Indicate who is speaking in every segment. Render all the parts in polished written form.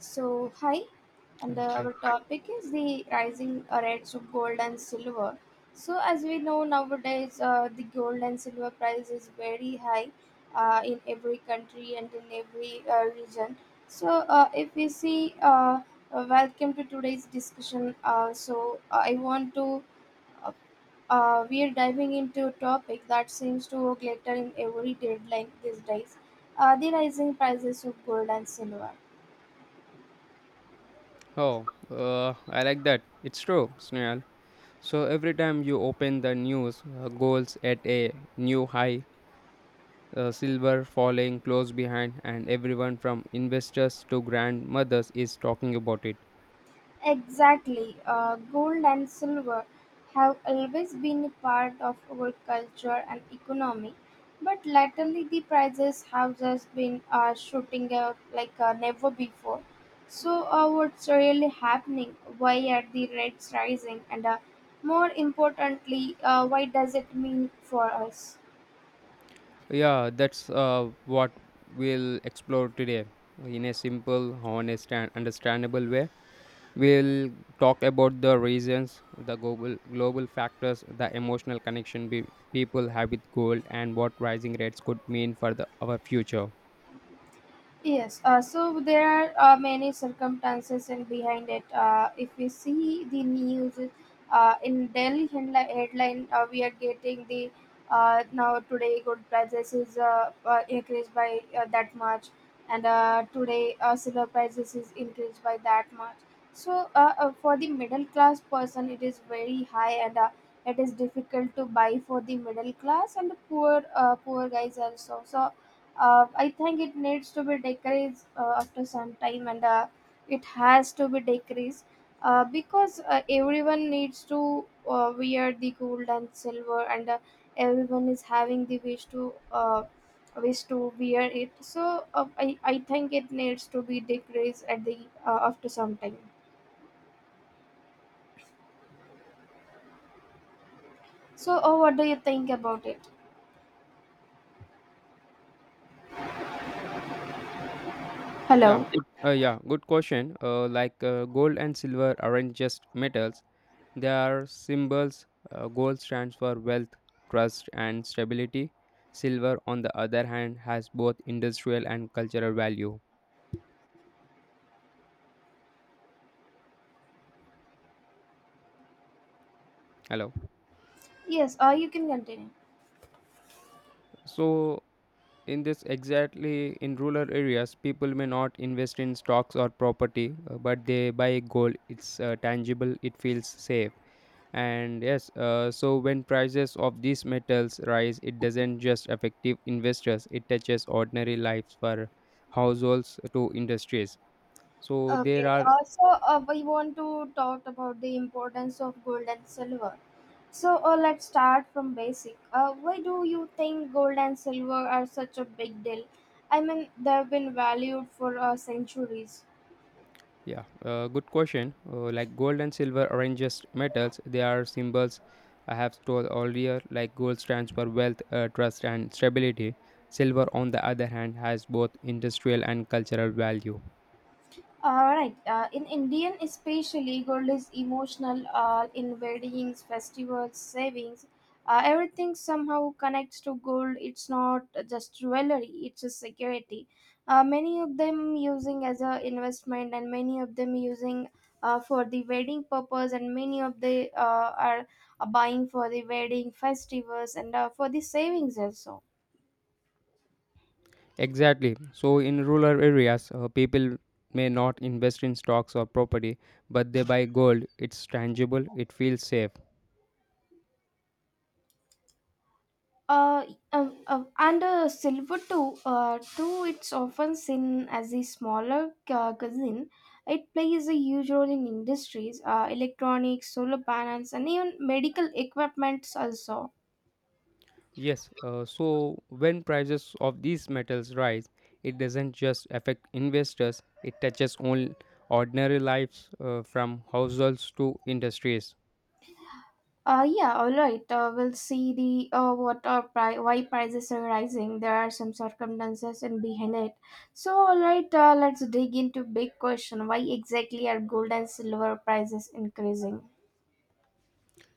Speaker 1: So, hi, and
Speaker 2: Yeah, hi.
Speaker 1: our topic is the rising rates of gold and silver. So, as we know nowadays, the gold and silver price is very high in every country and in every region. So, if we see, welcome to today's discussion. Uh, we are diving into a topic that seems to glitter in every deadline these days, the rising prices of gold and silver.
Speaker 2: Oh, I like that. It's true, Snail. So every time you open the news, goals at a new high, silver falling close behind, and everyone from investors to grandmothers is talking about it.
Speaker 1: Exactly. Gold and silver have always been a part of our culture and economy, but latterly the prices have just been shooting up like never before. So, what's really happening? Why are the rates rising? And more importantly, why does it mean for us?
Speaker 2: Yeah, that's what we'll explore today in a simple, honest, and understandable way. We'll talk about the reasons, the global factors, the emotional connection be, people have with gold, and what rising rates could mean for the, our future.
Speaker 1: Yes, so there are many circumstances and behind it. If we see the news in Delhi headline, we are getting the now today gold prices is increased by that much, and today silver prices is increased by that much. So for the middle class person, it is very high, and it is difficult to buy for the middle class and the poor guys also. So I think it needs to be decreased after some time, and it has to be decreased because everyone needs to wear the gold and silver, and everyone is having the wish to wish to wear it. So I think it needs to be decreased at the after some time. So what do you think about it?
Speaker 2: Yeah,
Speaker 1: Hello.
Speaker 2: good. Yeah, good question. Gold and silver aren't just metals; their symbols, gold stands for wealth, trust, and stability. Silver, on the other hand, has both industrial and cultural value. Hello.
Speaker 1: Yes, you can continue.
Speaker 2: So, in this exactly in rural areas, people may not invest in stocks or property, but they buy gold. It's tangible. It feels safe. And yes, so when prices of these metals rise, it doesn't just affect investors. It touches ordinary lives for households to industries. So there
Speaker 1: Okay,
Speaker 2: are
Speaker 1: so we want to talk about the importance of gold and silver. So let's start from basic. Why do you think gold and silver are such a big deal? I mean, they've been valued for centuries.
Speaker 2: yeah, good question. Like gold and silver are just metals. They are symbols I have told earlier. Like gold stands for wealth, trust, and stability. Silver, on the other hand, has both industrial and cultural value.
Speaker 1: All right. In Indian, especially, gold is emotional. In weddings, festivals, savings, everything somehow connects to gold. It's not just jewelry; it's a security. Many of them using as a investment, and many of them using for the wedding purpose, and many of the are buying for the wedding festivals and for the savings also.
Speaker 2: Exactly. So, in rural areas, people may not invest in stocks or property, but they buy gold. It's tangible, it feels safe.
Speaker 1: uh, and silver too, it's often seen as a smaller cousin. It plays a huge role in industries, electronics, solar panels, and even medical equipments also.
Speaker 2: Yes, so when prices of these metals rise, it doesn't just affect investors, it touches all ordinary lives from households to industries.
Speaker 1: Yeah, all right, we'll see the what are pri- why prices are rising. There are some circumstances in behind it. So all right, let's dig into big question: why exactly are gold and silver prices increasing?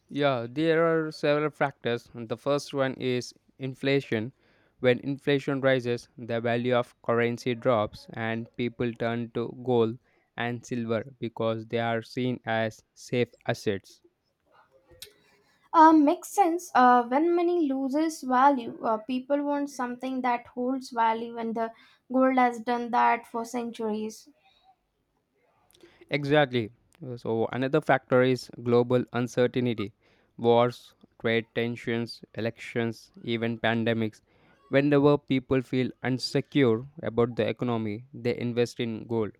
Speaker 2: Yeah, there are several factors. The first one is inflation. When inflation rises, the value of currency drops and people turn to gold and silver because they are seen as safe assets.
Speaker 1: Makes sense. When money loses value, people want something that holds value, and the gold has done that for centuries.
Speaker 2: Exactly. So, another factor is global uncertainty wars, trade tensions, elections, even pandemics. Whenever people feel unsecure about the economy, they invest in gold.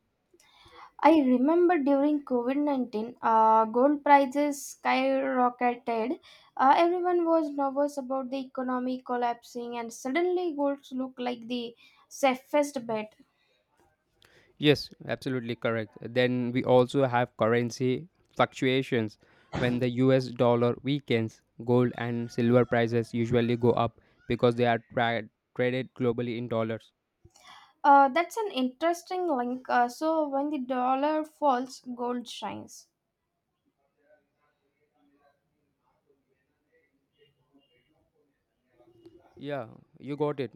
Speaker 1: I remember during COVID-19, gold prices skyrocketed. Everyone was nervous about the economy collapsing, and suddenly golds looked like the safest bet.
Speaker 2: Yes, absolutely correct. Then we also have currency fluctuations. When the US dollar weakens, gold and silver prices usually go up because they are traded globally in dollars.
Speaker 1: That's an interesting link. So, when the dollar falls, gold shines.
Speaker 2: Yeah, you got it.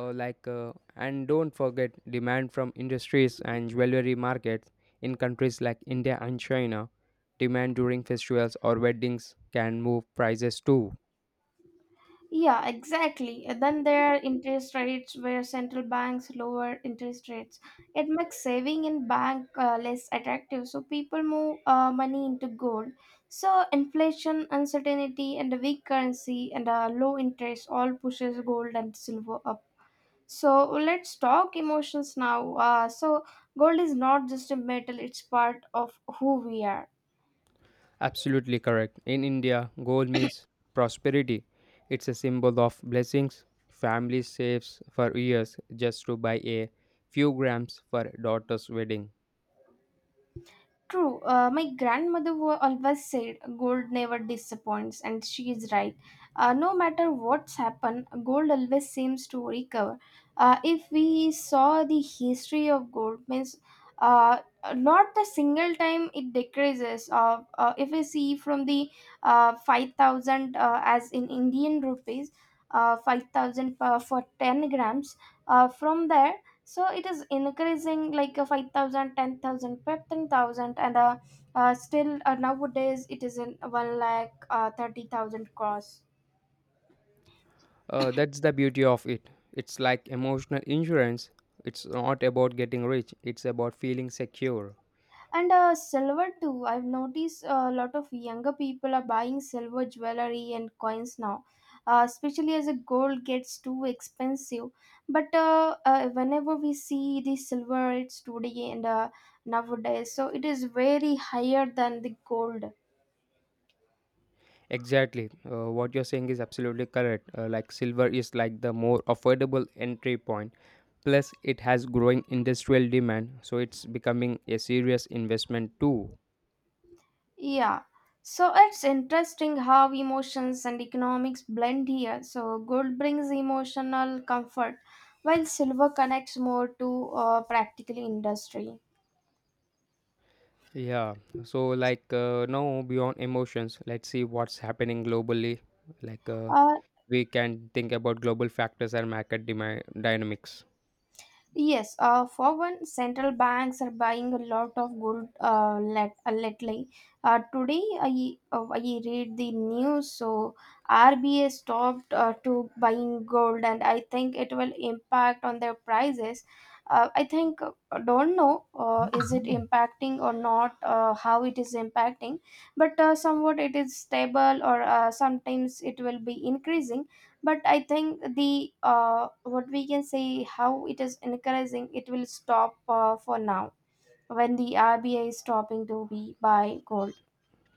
Speaker 2: And don't forget demand from industries and jewelry markets in countries like India and China. Demand during festivals or weddings can move prices too.
Speaker 1: Yeah, exactly. And then there are interest rates where central banks lower interest rates. It makes saving in bank less attractive, so people move money into gold. So inflation, uncertainty, and a weak currency and a low interest all pushes gold and silver up. So let's talk emotions now. So gold is not just a metal; it's part of who we are.
Speaker 2: Absolutely correct. In India, gold means prosperity. It's a symbol of blessings. Family saves for years just to buy a few grams for daughter's wedding.
Speaker 1: True. My grandmother always said gold never disappoints, and she is right. No matter what's happened, gold always seems to recover. If we saw the history of gold, means uh, not the single time it decreases. If we see from the 5,000 as in Indian rupees, 5,000 for 10 grams, from there. So it is increasing like a 5,000, 10,000, 15,000, and still nowadays it is in 1 lakh 30,000 cross.
Speaker 2: That's the beauty of it. It's like emotional insurance. It's not about getting rich, it's about feeling secure.
Speaker 1: And silver too, I've noticed a lot of younger people are buying silver jewelry and coins now, especially as the gold gets too expensive. But whenever we see the silver, it's today and nowadays, so it is very higher than the gold.
Speaker 2: Exactly. What you're saying is absolutely correct. Like silver is like the more affordable entry point. Plus, it has growing industrial demand, so it's becoming a serious investment too.
Speaker 1: Yeah. So it's interesting how emotions and economics blend here. So gold brings emotional comfort, while silver connects more to practical industry.
Speaker 2: Yeah. So, now beyond emotions, let's see what's happening globally. Like uh,
Speaker 1: Uh,
Speaker 2: we can think about global factors and market demand dynamics.
Speaker 1: Yes, for one, central banks are buying a lot of gold lately. Today, I read the news, so RBA stopped to buying gold, and I think it will impact on their prices. I think don't know is it impacting or not, how it is impacting, but somewhat it is stable, or sometimes it will be increasing. But I think the what we can say how it is encouraging it will stop for now, when the RBI is stopping to be buy gold.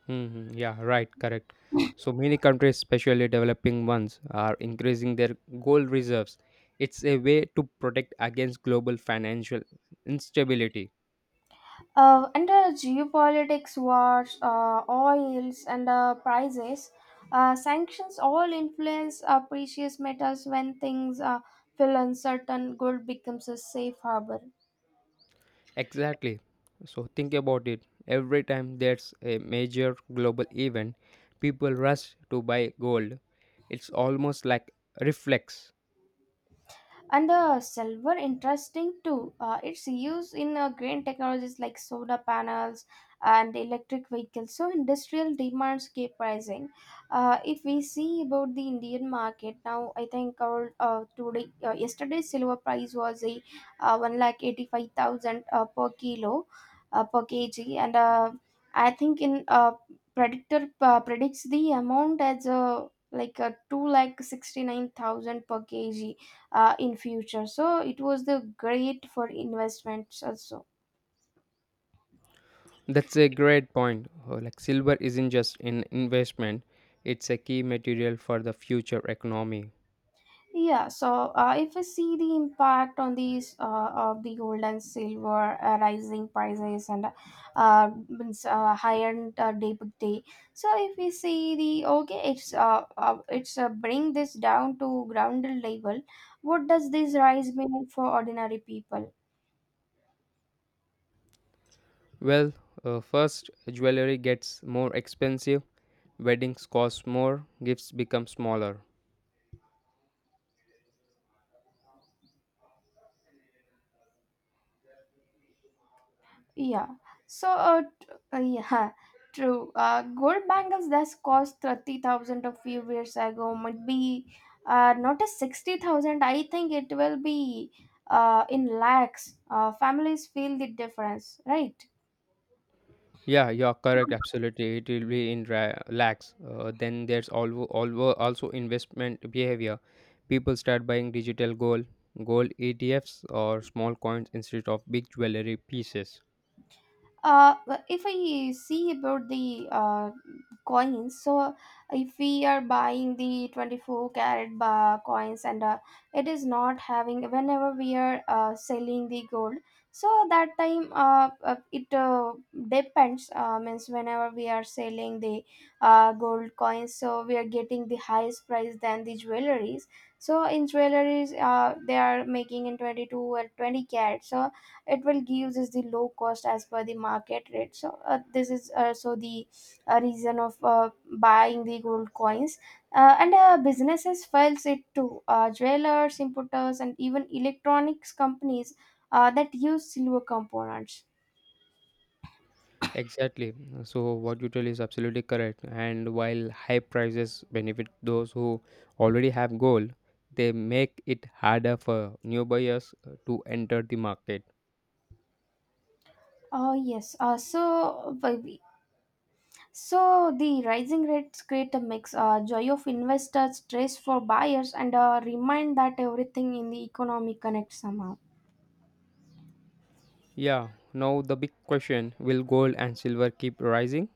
Speaker 2: Yeah, right, correct. So many countries, especially developing ones, are increasing their gold reserves. It's a way to protect against global financial instability.
Speaker 1: Under geopolitics: wars, oils and prices, sanctions all influence precious metals. When things feel uncertain, gold becomes a safe harbor.
Speaker 2: Exactly. So think about it. Every time there's a major global event, people rush to buy gold. It's almost like a reflex.
Speaker 1: And the silver interesting too, it's used in green technologies like solar panels and electric vehicles, so industrial demands keep rising. If we see about the Indian market now, I think our today yesterday's silver price was a 1 lakh 85,000 per kg, and I think in predictor predicts the amount as a like a 2 lakh 69,000 per kg in future. So it was the great for investments also.
Speaker 2: That's a great point. Like silver isn't just an investment, it's a key material for the future economy.
Speaker 1: Yeah. So if I see the impact on these of the gold and silver rising prices and means, higher day by day. So if we see the okay, it's bring this down to grounded level. What does this rise mean for ordinary people?
Speaker 2: Well, first jewelry gets more expensive, weddings cost more, gifts become smaller.
Speaker 1: Yeah. So, uh, yeah, huh, true. Gold bangles that's cost 30,000 a few years ago might be not a 60,000. I think it will be in lakhs. Families feel the difference, right?
Speaker 2: Yeah, you're correct. Absolutely, it will be in lakhs. Then there's alwo alwo also investment behavior. People start buying digital gold, gold ETFs, or small coins instead of big jewelry pieces.
Speaker 1: Well, if I see about the coins, so if we are buying the 24 carat bar coins and it is not having, whenever we are selling the gold, so that time it depends, means whenever we are selling the gold coins, so we are getting the highest price than the jewelries. So in jewelries, they are making in 22 or 20 carat. So it will gives us the low cost as per the market rate, so this is also the reason of buying the gold coins. And businesses files it too, jewelers, importers, and even electronics companies that use silver components.
Speaker 2: Exactly. So what you tell is absolutely correct. And while high prices benefit those who already have gold, they make it harder for new buyers to enter the market.
Speaker 1: Yes, so we- so the rising rates create a mix, joy of investors, stress for buyers, and remind that everything in the economy connects somehow.
Speaker 2: Yeah. Now the big question: Will gold and silver keep rising?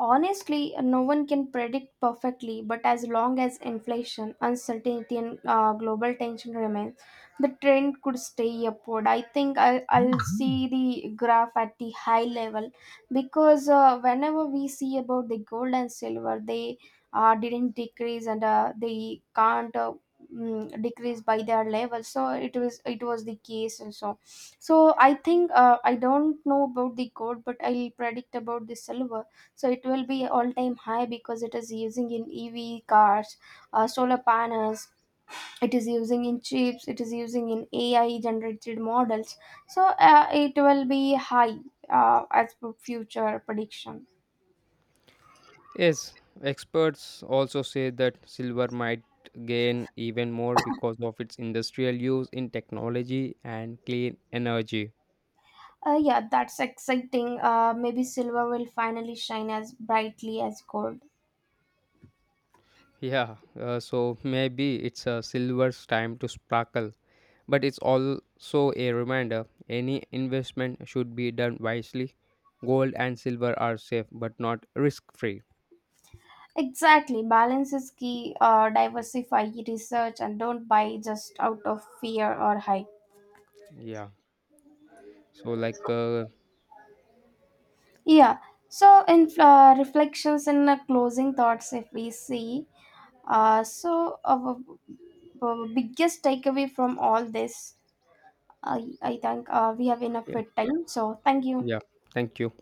Speaker 1: Honestly, no one can predict perfectly, but as long as inflation, uncertainty, and global tension remains, the trend could stay upward. I think I'll see the graph at the high level because whenever we see about the gold and silver, they didn't decrease and they can't. Decrease by their level, so it was the case also. So I think, I don't know about the gold but I'll predict about the silver. So it will be all time high because it is using in EV cars, solar panels, it is using in chips, it is using in AI generated models. So it will be high, as per future prediction.
Speaker 2: Yes, experts also say that silver might gain even more because of its industrial use in technology and clean energy.
Speaker 1: Yeah, that's exciting, maybe silver will finally shine as brightly as gold.
Speaker 2: Yeah, so maybe it's a silver's time to sparkle, but it's also a reminder any investment should be done wisely. Gold and silver are safe but not risk free.
Speaker 1: Exactly, balance is key. Diversify, research, and don't buy just out of fear or hype.
Speaker 2: Yeah, so like, uh,
Speaker 1: Yeah. So, in reflections and closing thoughts, if we see, so our biggest takeaway from all this. I think we have enough
Speaker 2: yeah,
Speaker 1: with time. So, thank you.
Speaker 2: yeah, thank you.